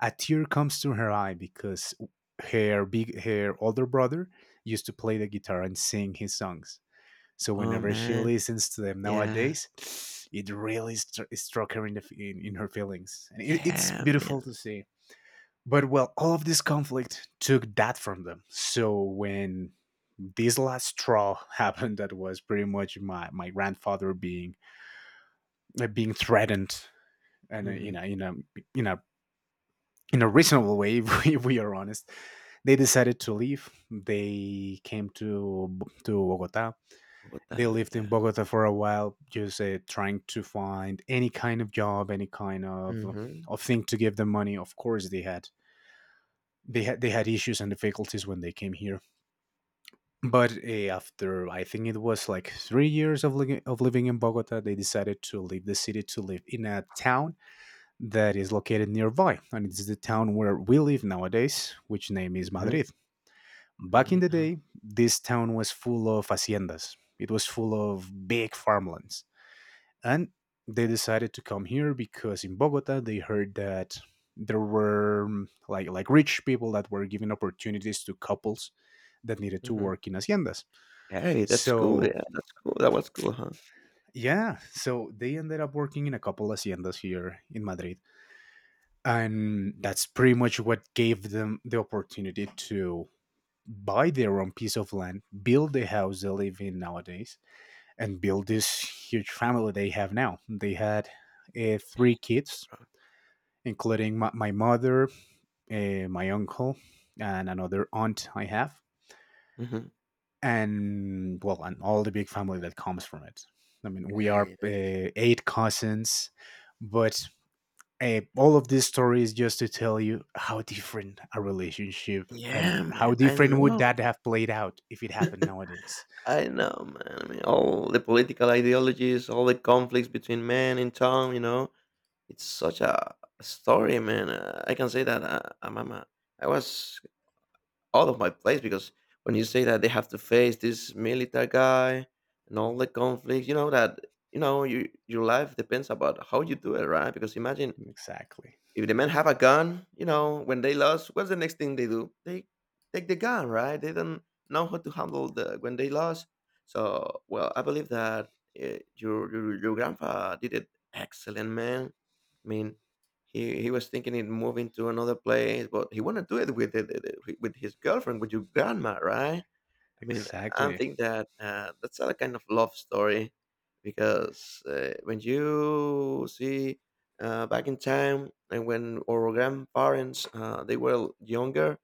Speaker 1: a tear comes to her eye because her older brother used to play the guitar and sing his songs. So
Speaker 2: Oh,
Speaker 1: whenever she
Speaker 2: man.
Speaker 1: listens to them
Speaker 2: Yeah.
Speaker 1: nowadays, it really struck her in her feelings, and it's
Speaker 2: Yeah,
Speaker 1: beautiful
Speaker 2: man.
Speaker 1: to see. But well, all of this conflict took that from them. So when this last straw happened, that was pretty much my, my grandfather being being threatened, and
Speaker 2: Mhm.
Speaker 1: in a in a reasonable way, if we are honest, they decided to leave. They came to Bogota. They
Speaker 2: Bogota,
Speaker 1: lived in
Speaker 2: yeah.
Speaker 1: Bogota for a while, just trying to find any kind of job, any kind
Speaker 2: Mhm,
Speaker 1: of thing to give them money. Of course, they had issues and difficulties when they came here. But after, I think it was like 3 years of living in Bogota, they decided to leave the city to live in a town that is located nearby, and it's the town where we live nowadays, which name is
Speaker 2: mhm.
Speaker 1: Madrid. Back in
Speaker 2: Madrid,
Speaker 1: the
Speaker 2: huh?
Speaker 1: day, this town was full of haciendas. It was full of big farmlands, and they decided to come here because in Bogota they heard that there were like rich people that were giving opportunities to couples that needed to
Speaker 2: Mhm.
Speaker 1: work in haciendas.
Speaker 2: Hey, that's cool,
Speaker 1: So
Speaker 2: yeah, that's cool, that was cool, huh?
Speaker 1: yeah, so they ended up working in a couple haciendas here in Madrid, and that's pretty much what gave them the opportunity to buy their own piece of land, build the house they live in nowadays, and build this huge family they have now. They had
Speaker 2: Yeah.
Speaker 1: three kids, including my mother, my uncle, and another aunt I have,
Speaker 2: Mhm.
Speaker 1: and well, and all the big family that comes from it. I mean, we are
Speaker 2: Hey, that's
Speaker 1: eight cousins, but all of these stories just to tell you how different a relationship and
Speaker 2: yeah,
Speaker 1: how
Speaker 2: man, I
Speaker 1: different would
Speaker 2: know.
Speaker 1: that have played out if it happened nowadays.
Speaker 2: I know, man. I mean, all the political ideologies, all the conflicts between man and town, you know, it's such a story, man, I can say that, I was out of my place because when you say that they have to face this military guy and all the conflicts, you know, that, you know, your life depends about how you do it, right? Because imagine,
Speaker 1: Exactly.
Speaker 2: if the men have a gun, you know, when they lost, what's the next thing they do? They take the gun, right? They don't know how to handle the when they lost. So, well, I believe that your grandpa did it excellent, man. I mean, he was thinking in moving to another place, but he wanted to do it with with his girlfriend, with your grandma, right? I mean, I
Speaker 1: Exactly.
Speaker 2: think that that's a kind of love story because when you see back in time and when our grandparents they were younger,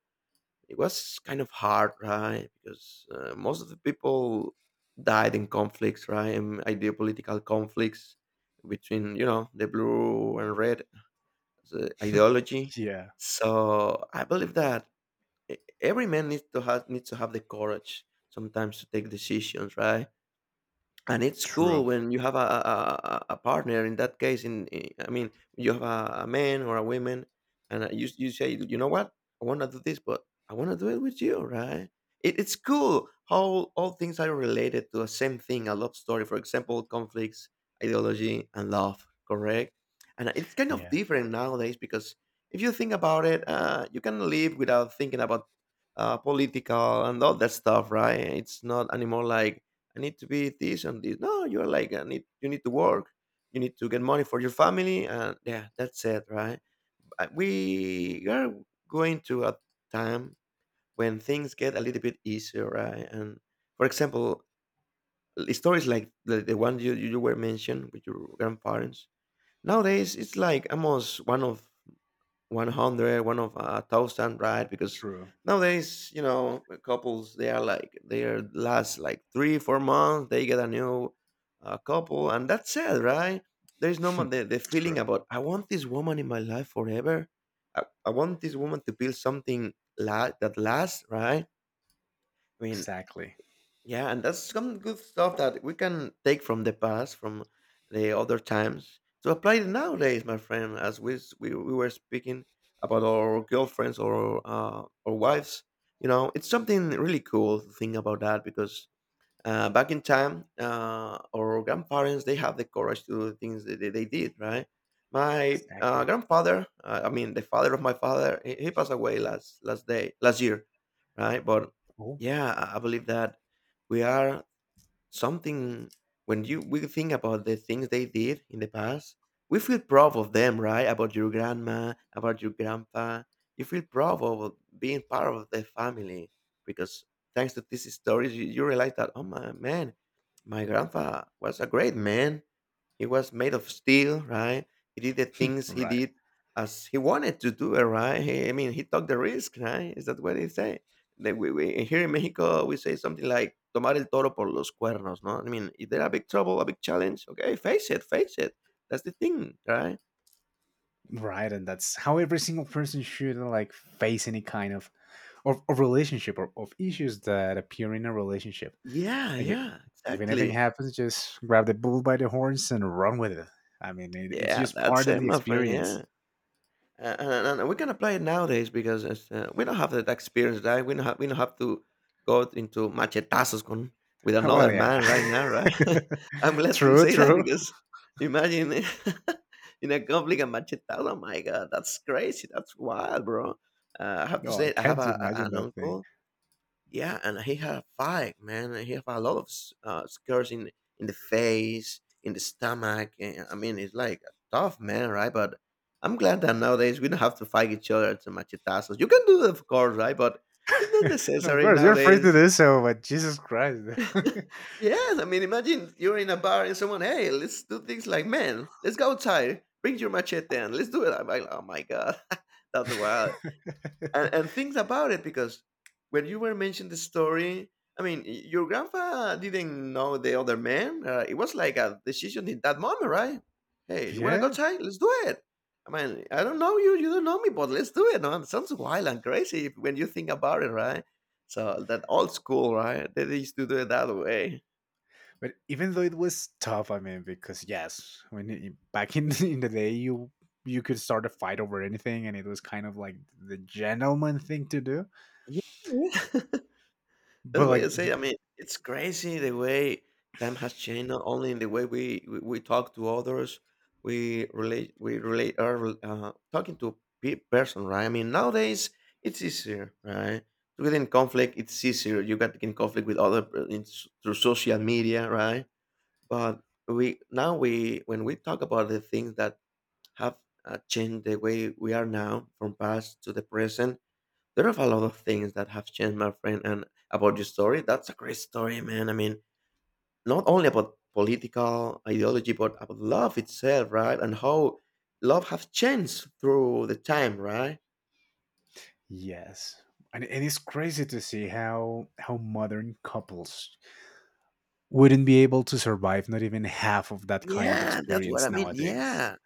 Speaker 2: it was kind of hard, right? Because most of the people died in conflicts, right? And ideopolitical conflicts between you know the blue and red the ideology.
Speaker 1: Yeah.
Speaker 2: So I believe that e- every man needs to have the courage sometimes to take decisions, right? And it's
Speaker 1: True.
Speaker 2: cool when you have a partner in that case, in I mean you have a man or a woman, and you say, you know what, I want to do this, but I want to do it with you, right? It's cool how all things are related to the same thing, a love story, for example, conflicts, ideology, and love, correct? And it's kind of
Speaker 1: Yeah.
Speaker 2: different nowadays because if you think about it, you can live without thinking about political and all that stuff, right? It's not anymore like, I need to be this and this. No, you're like, I need, you need to work. You need to get money for your family, and yeah, that's it, right? We are going to a time when things get a little bit easier, right? And for example, stories like the one you were mentioned with your grandparents nowadays, it's like almost one of 100, one of a thousand, right? Because
Speaker 1: True.
Speaker 2: nowadays, you know, couples, they are like, they are last like 3 4 months, they get a new couple, and that's it, right? There's no more the
Speaker 1: True.
Speaker 2: feeling about, I want this woman in my life forever. I want this woman to build something that lasts, right? I mean,
Speaker 1: Exactly.
Speaker 2: yeah, and that's some good stuff that we can take from the past, from the other times, to apply it nowadays, my friend. As we were speaking about our girlfriends or our wives, you know, it's something really cool to think about that because back in time, our grandparents they have the courage to do the things that they did, right? My
Speaker 1: Exactly.
Speaker 2: grandfather, I mean, the father of my father, he passed away last year, right? But
Speaker 1: Oh,
Speaker 2: yeah, I believe that we are something when you we think about the things they did in the past, we feel proud of them, right? About your grandma, about your grandpa, you feel proud of being part of the family because thanks to these stories, you realize that, oh my man, my grandpa was a great man. He was made of steel, right? He did the things he
Speaker 1: right.
Speaker 2: did as he wanted to do it, right? I mean, he took the risk, right? Is that what they say? That here in Mexico, we say something like "tomar el toro por los cuernos," no? I mean, if there a big trouble, a big challenge? Okay, face it, face it. That's the thing, right?
Speaker 1: Right, and that's how every single person should, like, face any kind of relationship or of issues that appear in a relationship.
Speaker 2: Yeah,
Speaker 1: Like i-
Speaker 2: yeah,
Speaker 1: if anything
Speaker 2: exactly.
Speaker 1: happens, just grab the bull by the horns and run with it. I mean, it's
Speaker 2: Yeah,
Speaker 1: just part
Speaker 2: that's
Speaker 1: of
Speaker 2: it,
Speaker 1: the
Speaker 2: my friend.
Speaker 1: experience.
Speaker 2: Yeah. And we're gonna play it nowadays because it's, we don't have that experience, right? We don't have to go into machetazos con, with
Speaker 1: Well,
Speaker 2: another
Speaker 1: yeah.
Speaker 2: man right now, right? I'm glad to
Speaker 1: True,
Speaker 2: say that
Speaker 1: true.
Speaker 2: because imagine in a conflict a machetazo. Oh my god, that's crazy. That's wild, bro. I have to
Speaker 1: No, I
Speaker 2: say, I have
Speaker 1: can't imagine
Speaker 2: an
Speaker 1: that thing.
Speaker 2: uncle, yeah, and he had a fight, man. And He had a lot of scars in the face, in the stomach. And, I mean, it's like a tough man, right? But I'm glad that nowadays we don't have to fight each other to machetazos. You can do it, of course, right? But it's not
Speaker 1: No, of
Speaker 2: necessary
Speaker 1: course, you're free to
Speaker 2: nowadays.
Speaker 1: do so, but Jesus Christ.
Speaker 2: Yes, I mean, imagine you're in a bar and someone, hey, let's do things like man, let's go outside. Bring your machete and let's do it. I'm like, oh my god, that's wild. And think about it because when you were mentioning the story, I mean, your grandpa didn't know the other man, it was like a decision in that moment, right? Hey, you want to go
Speaker 1: Yeah.
Speaker 2: try? Let's do it. I mean, I don't know you, you don't know me, but let's do it. No, it sounds wild and crazy when you think about it, right? So that old school, right? They used to do it that way.
Speaker 1: But even though it was tough, I mean, because yes, back in in the day, you could start a fight over anything, and it was kind of like the gentleman thing to do.
Speaker 2: Yeah, yeah.
Speaker 1: But
Speaker 2: That's why I
Speaker 1: like, th-
Speaker 2: say, I mean, it's crazy the way time has changed, not only in the way we talk to others, we relate, are talking to person, right? I mean, nowadays it's easier, right? To get in conflict, it's easier. You get in conflict with other through social media, right? But we now we when we talk about the things that have changed the way we are now from past to the present, there are a lot of things that have changed, my friend, and about your story. That's a great story, man. I mean, not only about political ideology, but about love itself, right? And how love has changed through the time, right?
Speaker 1: yes, and it's crazy to see how modern couples wouldn't be able to survive not even half of that kind of
Speaker 2: Yeah, that's what
Speaker 1: experience
Speaker 2: I mean.
Speaker 1: nowadays.
Speaker 2: Yeah.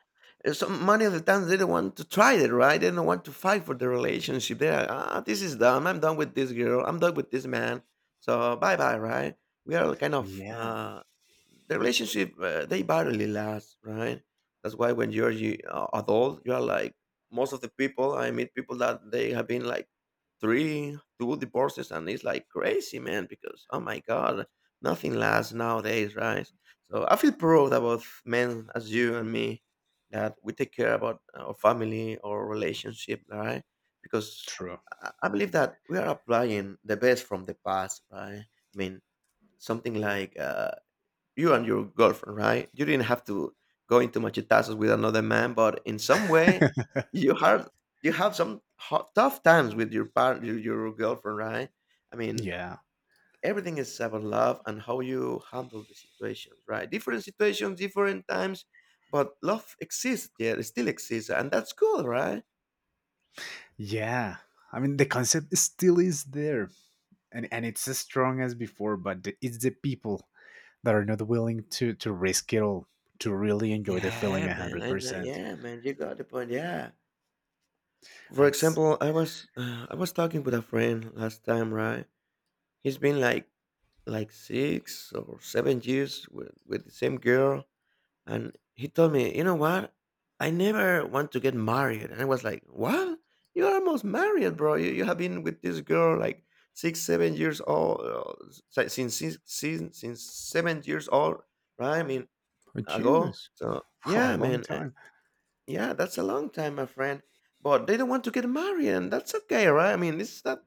Speaker 2: So many of the times they don't want to try it, right? They don't want to fight for the relationship. They're like, ah, this is dumb. I'm done with this girl. I'm done with this man. So bye bye, right? We are kind of
Speaker 1: Yeah,
Speaker 2: the relationship. They barely last, right? That's why when adult, you are like most of the people. I meet people that they have been like three, two divorces, and it's like crazy, man. Because oh my god, nothing lasts nowadays, right? So I feel proud about men as you and me, that we take care about our family or relationship, right? Because
Speaker 1: true.
Speaker 2: I believe that we are applying the best from the past, right? I mean, something like you and your girlfriend, right? You didn't have to go into machetazos with another man, but in some way, you have you have some ho tough times with your partner, your girlfriend, right? I mean,
Speaker 1: Yeah,
Speaker 2: everything is about love and how you handle the situations, right? Different situations, different times, but love exists. Yeah, it still exists, and that's cool, right?
Speaker 1: yeah. I mean, the concept still is there, and it's as strong as before, but it's the people that are not willing to risk it all to really enjoy the feeling
Speaker 2: Yeah,
Speaker 1: a
Speaker 2: man,
Speaker 1: hundred
Speaker 2: I know.
Speaker 1: percent.
Speaker 2: Yeah, man, you got the point. Yeah, for
Speaker 1: And it's
Speaker 2: example, I was talking with a friend last time, right? He's been like 6 or 7 years with the same girl. And he told me, you know what? I never want to get married. And I was like, what? You're almost married, bro. You have been with this girl like six, 7 years old, since 7 years old, right? I mean,
Speaker 1: oh,
Speaker 2: ago.
Speaker 1: Jesus,
Speaker 2: So,
Speaker 1: well, a
Speaker 2: yeah,
Speaker 1: long
Speaker 2: man. Eh,
Speaker 1: time.
Speaker 2: yeah, that's a long time, my friend. But they don't want to get married, and that's okay, right? I mean, this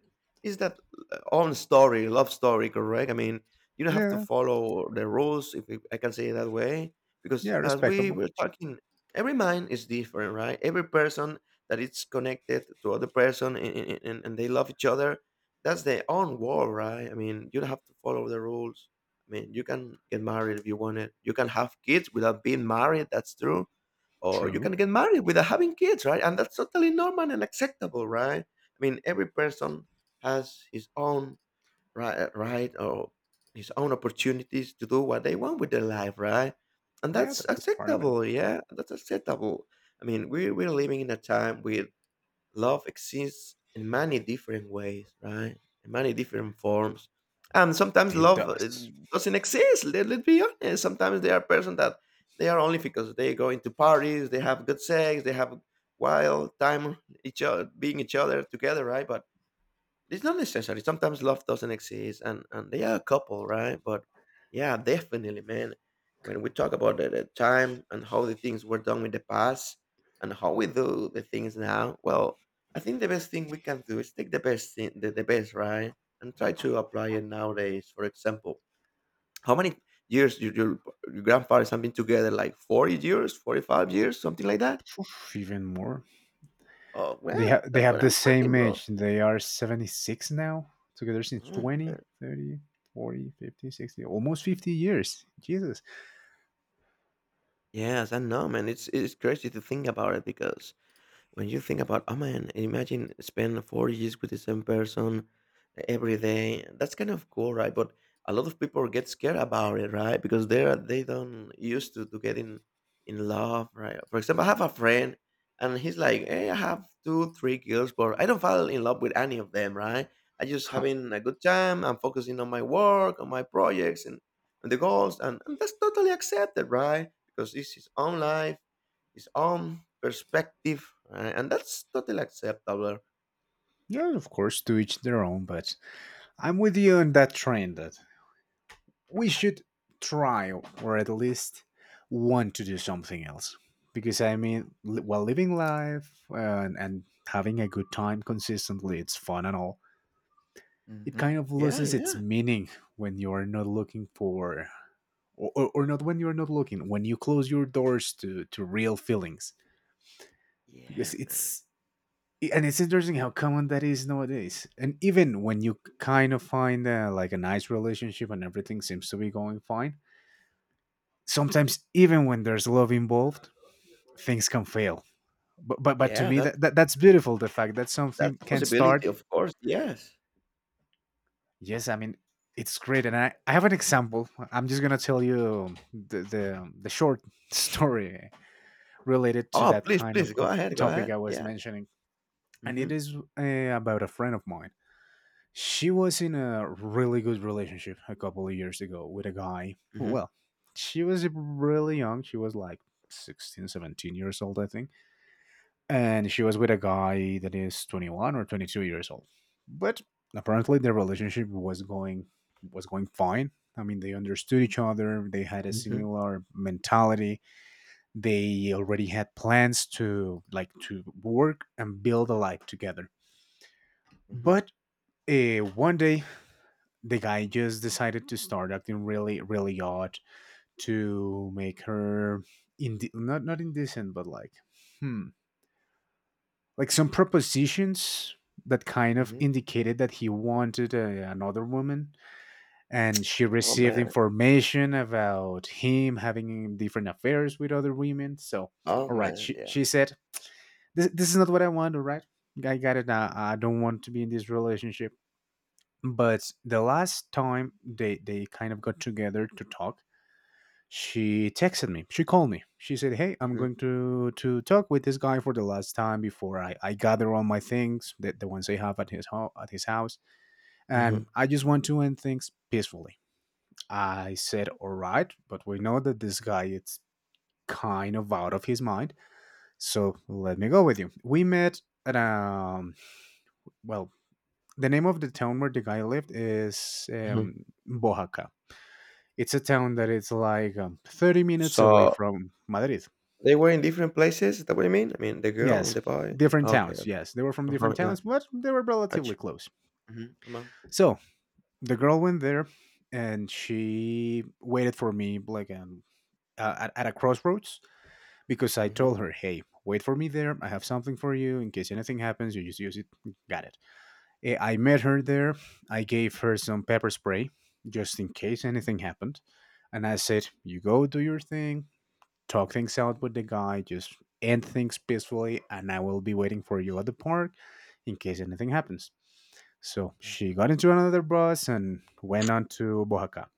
Speaker 2: is that own story, love story, correct? I mean, you don't have to
Speaker 1: Yeah,
Speaker 2: follow the rules, if I can say it that way, because
Speaker 1: yeah,
Speaker 2: as we
Speaker 1: respectable.
Speaker 2: were talking, every mind is different, right? Every person that is connected to other person and, and they love each other, that's their own world, right? I mean, you don't have to follow the rules. I mean, you can get married if you want it. You can have kids without being married. That's true, or you
Speaker 1: True.
Speaker 2: can get married without having kids, right? And that's totally normal and acceptable, right? I mean, every person has his own right, or his own opportunities to do what they want with their life, right? And
Speaker 1: Yeah,
Speaker 2: that's
Speaker 1: that's just part of it.
Speaker 2: acceptable, yeah, that's acceptable. I mean, we we're living in a time with love exists in many different ways, right? In many different forms. And sometimes
Speaker 1: It
Speaker 2: love
Speaker 1: does.
Speaker 2: doesn't exist. Let's be honest. Sometimes there are persons that they are only because they go into parties, they have good sex, they have wild time each other, being each other together, right? But it's not necessary. Sometimes love doesn't exist, and they are a couple, right? But yeah, definitely, man. When we talk about the time and how the things were done in the past and how we do the things now, well, I think the best thing we can do is take the best thing, the best, right, and try to apply it nowadays. For example, how many years your grandfathers have been together? Like 40 years, 45 years, something like that.
Speaker 1: Oof, even more.
Speaker 2: Oh well,
Speaker 1: They
Speaker 2: that's
Speaker 1: have
Speaker 2: what
Speaker 1: the
Speaker 2: I'm
Speaker 1: same
Speaker 2: talking, bro.
Speaker 1: age. They are 76 now. Together since
Speaker 2: Oh,
Speaker 1: 20,
Speaker 2: man.
Speaker 1: 30, 40, 50, 60, almost 50 years. Jesus.
Speaker 2: Yes, I know, man. It's crazy to think about it because when you think about, oh man, imagine spend 4 years with the same person every day. That's kind of cool, right? But a lot of people get scared about it, right? Because they don't used to getting in love, right? For example, I have a friend and he's like, "Hey, I have two, three girls, but I don't fall in love with any of them, right? I just
Speaker 1: Huh.
Speaker 2: having a good time, I'm focusing on my work, on my projects and, the goals and that's totally accepted, right?" Because this is own life his own perspective, and that's totally acceptable.
Speaker 1: Yeah, of course, to each their own, but I'm with you on that trend that we should try or at least want to do something else because I mean while living life and having a good time consistently, it's fun and all. It kind of
Speaker 2: Yeah,
Speaker 1: loses its
Speaker 2: yeah,
Speaker 1: meaning when you're not looking for or not when you're not looking, when you close your doors to real feelings because
Speaker 2: yeah, man.
Speaker 1: it's. And it's interesting how common that is nowadays, and even when you kind of find like a nice relationship and everything seems to be going fine, sometimes even when there's love involved, things can fail. But but to
Speaker 2: Yeah,
Speaker 1: me
Speaker 2: that
Speaker 1: that that's beautiful, the fact that
Speaker 2: that's
Speaker 1: something
Speaker 2: a
Speaker 1: can start.
Speaker 2: possibility, of course. Yes.
Speaker 1: Yes, I mean, it's great, and I have an example. I'm just going to tell you the short story related to
Speaker 2: Oh,
Speaker 1: that
Speaker 2: please,
Speaker 1: kind
Speaker 2: please go
Speaker 1: of
Speaker 2: ahead, go
Speaker 1: topic
Speaker 2: ahead.
Speaker 1: I was
Speaker 2: Yeah.
Speaker 1: mentioning, and it
Speaker 2: Mm-hmm.
Speaker 1: is about a friend of mine. She was in a really good relationship a couple of years ago with a guy.
Speaker 2: Mm-hmm.
Speaker 1: Well, she was really young. She was like 16, 17 years old, I think. And she was with a guy that is 21 or 22 years old, but apparently their relationship was going fine. I mean, they understood each other. They had a
Speaker 2: Mm-hmm.
Speaker 1: similar mentality. They already had plans to, like, to work and build a life together.
Speaker 2: Mm-hmm.
Speaker 1: But one day the guy just decided to start acting really really odd, to make her inde- not not indecent, but like, hmm like some propositions that kind of
Speaker 2: hmm
Speaker 1: indicated that he wanted another woman. And she
Speaker 2: Oh
Speaker 1: received
Speaker 2: man.
Speaker 1: information about him having different affairs with other women. So
Speaker 2: Oh
Speaker 1: all right,
Speaker 2: man. Yeah.
Speaker 1: she said, this is not what I want. All right, I got it. I don't want to be in this relationship." But the last time they kind of got together to talk, she texted me, she called me, she said, "Hey, I'm
Speaker 2: Mm-hmm.
Speaker 1: going to talk with this guy for the last time before I gather all my things, the ones I have at his home, at his house, and
Speaker 2: Mm-hmm.
Speaker 1: I just want to end things peacefully." I said, "All right, but we know that this guy is kind of out of his mind, so let me go with you." We met at well, the name of the town where the guy lived is
Speaker 2: hmm
Speaker 1: Boaca. It's a town that is like 30 minutes away
Speaker 2: So
Speaker 1: from Madrid.
Speaker 2: they were in different places. Is that what you mean? I mean, the girl
Speaker 1: Yes,
Speaker 2: and the boy.
Speaker 1: different
Speaker 2: Okay.
Speaker 1: towns.
Speaker 2: Okay.
Speaker 1: Yes, they were from
Speaker 2: Uh huh.
Speaker 1: different
Speaker 2: Yeah.
Speaker 1: towns, but they were
Speaker 2: Gotcha.
Speaker 1: relatively close.
Speaker 2: Mm-hmm.
Speaker 1: So the girl went there, and she waited for me like at a crossroads because I told
Speaker 2: Mm-hmm.
Speaker 1: her, "Hey, wait for me there. I have something for you in case anything happens. You just use it. Got it." I met her there. I gave her some pepper spray just in case anything happened, and I said, "You go do your thing, talk things out with the guy, just end things peacefully, and I will be waiting for you at the park in case anything happens." So she
Speaker 2: Mm-hmm.
Speaker 1: got into another bus and went on to Oaxaca.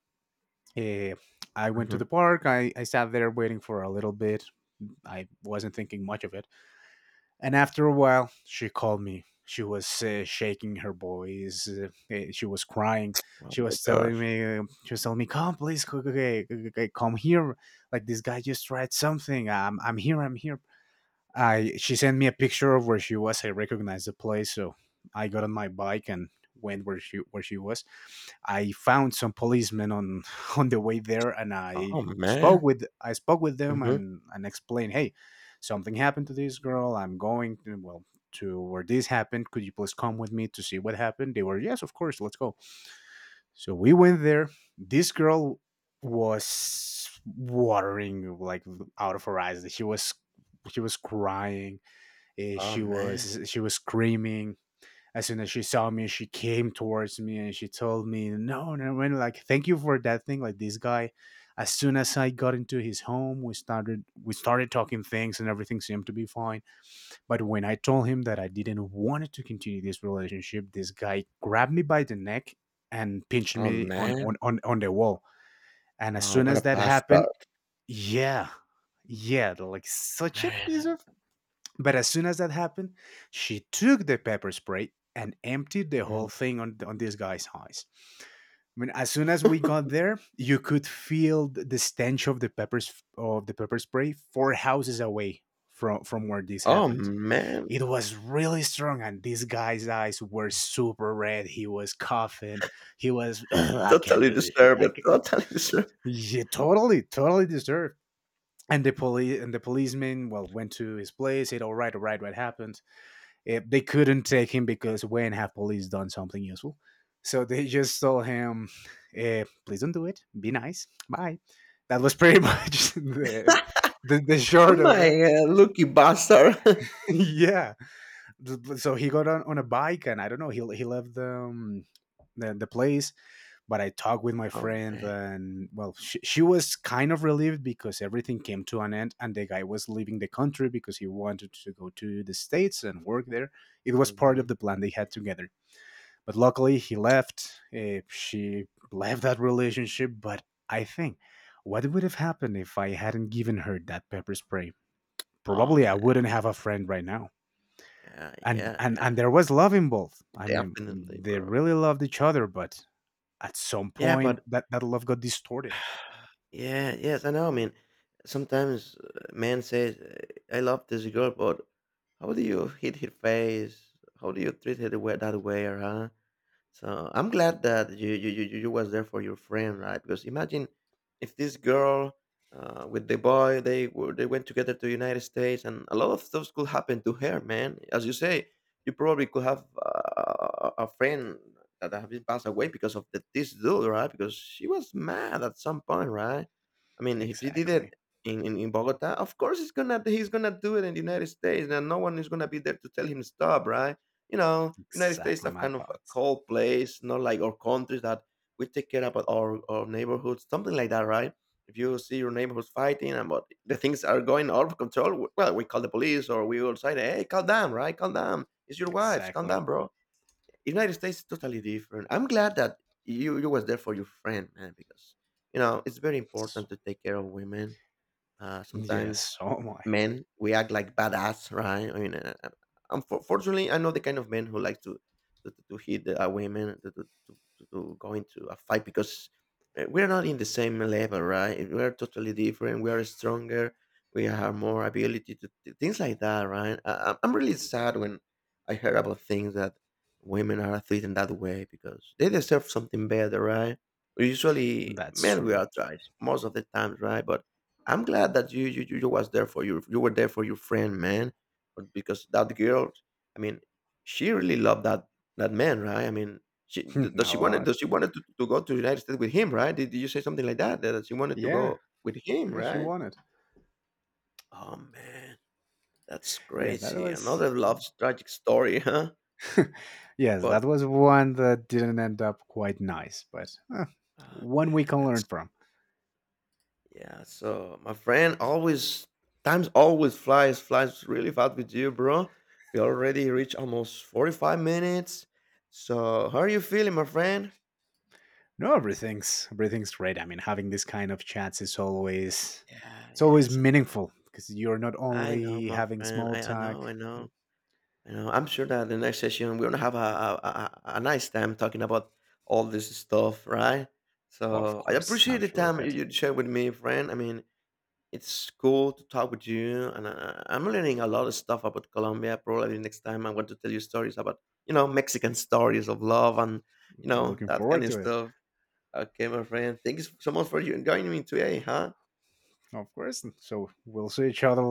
Speaker 1: Eh, I went to
Speaker 2: Mm-hmm.
Speaker 1: the park. I sat there waiting for a little bit. I wasn't thinking much of it, and after a while, she called me. She was shaking her voice. She was crying.
Speaker 2: Oh
Speaker 1: She
Speaker 2: my
Speaker 1: was telling
Speaker 2: gosh.
Speaker 1: me, she was telling me, "Come, please, come here! Like this guy just tried something. I'm here. I'm here." I She sent me a picture of where she was. I recognized the place, so I got on my bike and went where she was. I found some policemen on on the way there, and
Speaker 2: Oh man.
Speaker 1: I spoke with them
Speaker 2: Mm-hmm.
Speaker 1: and explained, hey, something happened to this girl. I'm going to, well, to where this happened. Could you please come with me to see what happened? They were, yes, of course, let's go. So we went there. This girl was watering like out of her eyes. She was crying.
Speaker 2: Oh,
Speaker 1: She
Speaker 2: man.
Speaker 1: was screaming. As soon as she saw me, she came towards me and she told me, "No, no, when like thank you for that thing." Like this guy, as soon as I got into his home, we started talking things and everything seemed to be fine. But when I told him that I didn't want to continue this relationship, this guy grabbed me by the neck and pinched
Speaker 2: Oh,
Speaker 1: me
Speaker 2: man.
Speaker 1: on the wall. And as
Speaker 2: Oh,
Speaker 1: soon
Speaker 2: what
Speaker 1: as
Speaker 2: a
Speaker 1: that
Speaker 2: bastard,
Speaker 1: happened, yeah, yeah, like such a piece
Speaker 2: man.
Speaker 1: of, but as soon as that happened, she took the pepper spray and emptied the whole
Speaker 2: Mm.
Speaker 1: thing on this guy's eyes. I mean, as soon as we got there, you could feel the stench of the pepper spray four houses away from where this
Speaker 2: Oh,
Speaker 1: happened.
Speaker 2: man.
Speaker 1: It was really strong, and this guy's eyes were super red. He was coughing. He was, I can't
Speaker 2: Totally
Speaker 1: do this. Shit.
Speaker 2: deserve
Speaker 1: I
Speaker 2: it,
Speaker 1: can-"
Speaker 2: totally deserve.
Speaker 1: Yeah, totally, totally deserved. And the police and the policeman, well, went to his place. Said, all right, what happened?" They couldn't take him because when have police done something useful? So they just told him, "Please don't do it. Be nice. Bye." That was pretty much the short of
Speaker 2: My,
Speaker 1: it.
Speaker 2: lucky bastard.
Speaker 1: Yeah. So he got on a bike, and I don't know. He left the, the place, but I talked with my
Speaker 2: Oh,
Speaker 1: friend,
Speaker 2: man.
Speaker 1: and well, she was kind of relieved because everything came to an end, and the guy was leaving the country because he wanted to go to the states and work there. It was part of
Speaker 2: Mhm.
Speaker 1: the plan they had together. But luckily, he left. She left that relationship. But I think, what would have happened if I hadn't given her that pepper spray?
Speaker 2: Oh,
Speaker 1: Probably I
Speaker 2: man.
Speaker 1: wouldn't have a friend right now.
Speaker 2: Yeah, yeah, yeah.
Speaker 1: And there was love involved. I mean,
Speaker 2: Definitely,
Speaker 1: they
Speaker 2: bro.
Speaker 1: really loved each other, but at some
Speaker 2: Yeah,
Speaker 1: point
Speaker 2: but
Speaker 1: that love got distorted.
Speaker 2: yeah, yes, I know, I mean, sometimes a man says, "I love this girl," but how do you hit her face? How do you treat her the way that way, or huh? So I'm glad that you was there for your friend, right? Because imagine if this girl with the boy they went together to the United States, and a lot of stuff could happen to her, man. As you say, you probably could have a friend that have been passed away because of this dude, right? Because she was mad at some point, right? I mean, if he did
Speaker 1: Exactly.
Speaker 2: it in Bogota, of course he's gonna do it in the United States, and no one is gonna be there to tell him stop, right? You know, United States
Speaker 1: Exactly
Speaker 2: have
Speaker 1: my
Speaker 2: kind of a
Speaker 1: thoughts.
Speaker 2: cold place, not like our countries that we take care about our neighborhoods, something like that, right? If you see your neighborhoods fighting and but the things are going out of control, well, we call the police or we will say, "Hey, calm down, right? Calm down. It's your wives. Calm
Speaker 1: Exactly.
Speaker 2: down, bro." United States is totally different. I'm glad that you was there for your friend, man, because you know it's very
Speaker 1: So,
Speaker 2: important to take care of women.
Speaker 1: yes,
Speaker 2: Sometimes
Speaker 1: so am I.
Speaker 2: men we act like badass, right? I mean, unfortunately, I know the kind of men who like to hit women, to go into a fight because we're not in the same level, right? We're totally different. We are stronger. We have more ability to things like that, right? I'm really sad when I heard about things that women are treated that way because they deserve something better, right? Usually,
Speaker 1: That's
Speaker 2: men we
Speaker 1: true.
Speaker 2: are trash most of the times, right? But I'm glad that you were there for your friend, man. But because that girl, I mean, she really loved that that man, right? I mean, does
Speaker 1: A
Speaker 2: she wanted does
Speaker 1: lot.
Speaker 2: she wanted to go to the United States with him, right? Did you say something like that that she wanted to
Speaker 1: Yeah.
Speaker 2: go with him,
Speaker 1: Yeah, she
Speaker 2: right?
Speaker 1: wanted.
Speaker 2: Oh man, that's
Speaker 1: Yeah, that
Speaker 2: crazy.
Speaker 1: was
Speaker 2: Another love tragic story, huh?
Speaker 1: yes, that
Speaker 2: But
Speaker 1: was one that didn't end up quite nice, but eh,
Speaker 2: oh
Speaker 1: one we
Speaker 2: man,
Speaker 1: can learn
Speaker 2: that's.
Speaker 1: from.
Speaker 2: Yeah, so my friend, always times always flies really fast with you, bro. We already reached almost 45 minutes. So how are you feeling, my friend?
Speaker 1: No, everything's great. I mean, having this kind of chats is always,
Speaker 2: Yeah,
Speaker 1: it's always
Speaker 2: yes and no.
Speaker 1: meaningful because you're not
Speaker 2: I know,
Speaker 1: only
Speaker 2: my
Speaker 1: having
Speaker 2: friend.
Speaker 1: small talk. You,
Speaker 2: I know. I'm sure that the next session we're gonna have a nice time talking about all this stuff, right?
Speaker 1: well, of
Speaker 2: So I
Speaker 1: course,
Speaker 2: appreciate
Speaker 1: I'm
Speaker 2: the
Speaker 1: sure of
Speaker 2: time you,
Speaker 1: it.
Speaker 2: you shared with me, friend. I mean, it's cool to talk with you, and I am learning a lot of stuff about Colombia. Probably next time I want to tell you stories about, you know, Mexican stories of love and, you know,
Speaker 1: Looking
Speaker 2: that kind
Speaker 1: forward
Speaker 2: of
Speaker 1: to it,
Speaker 2: stuff. Okay, my friend, thanks so much for you joining me today, huh?
Speaker 1: of course. So we'll see each other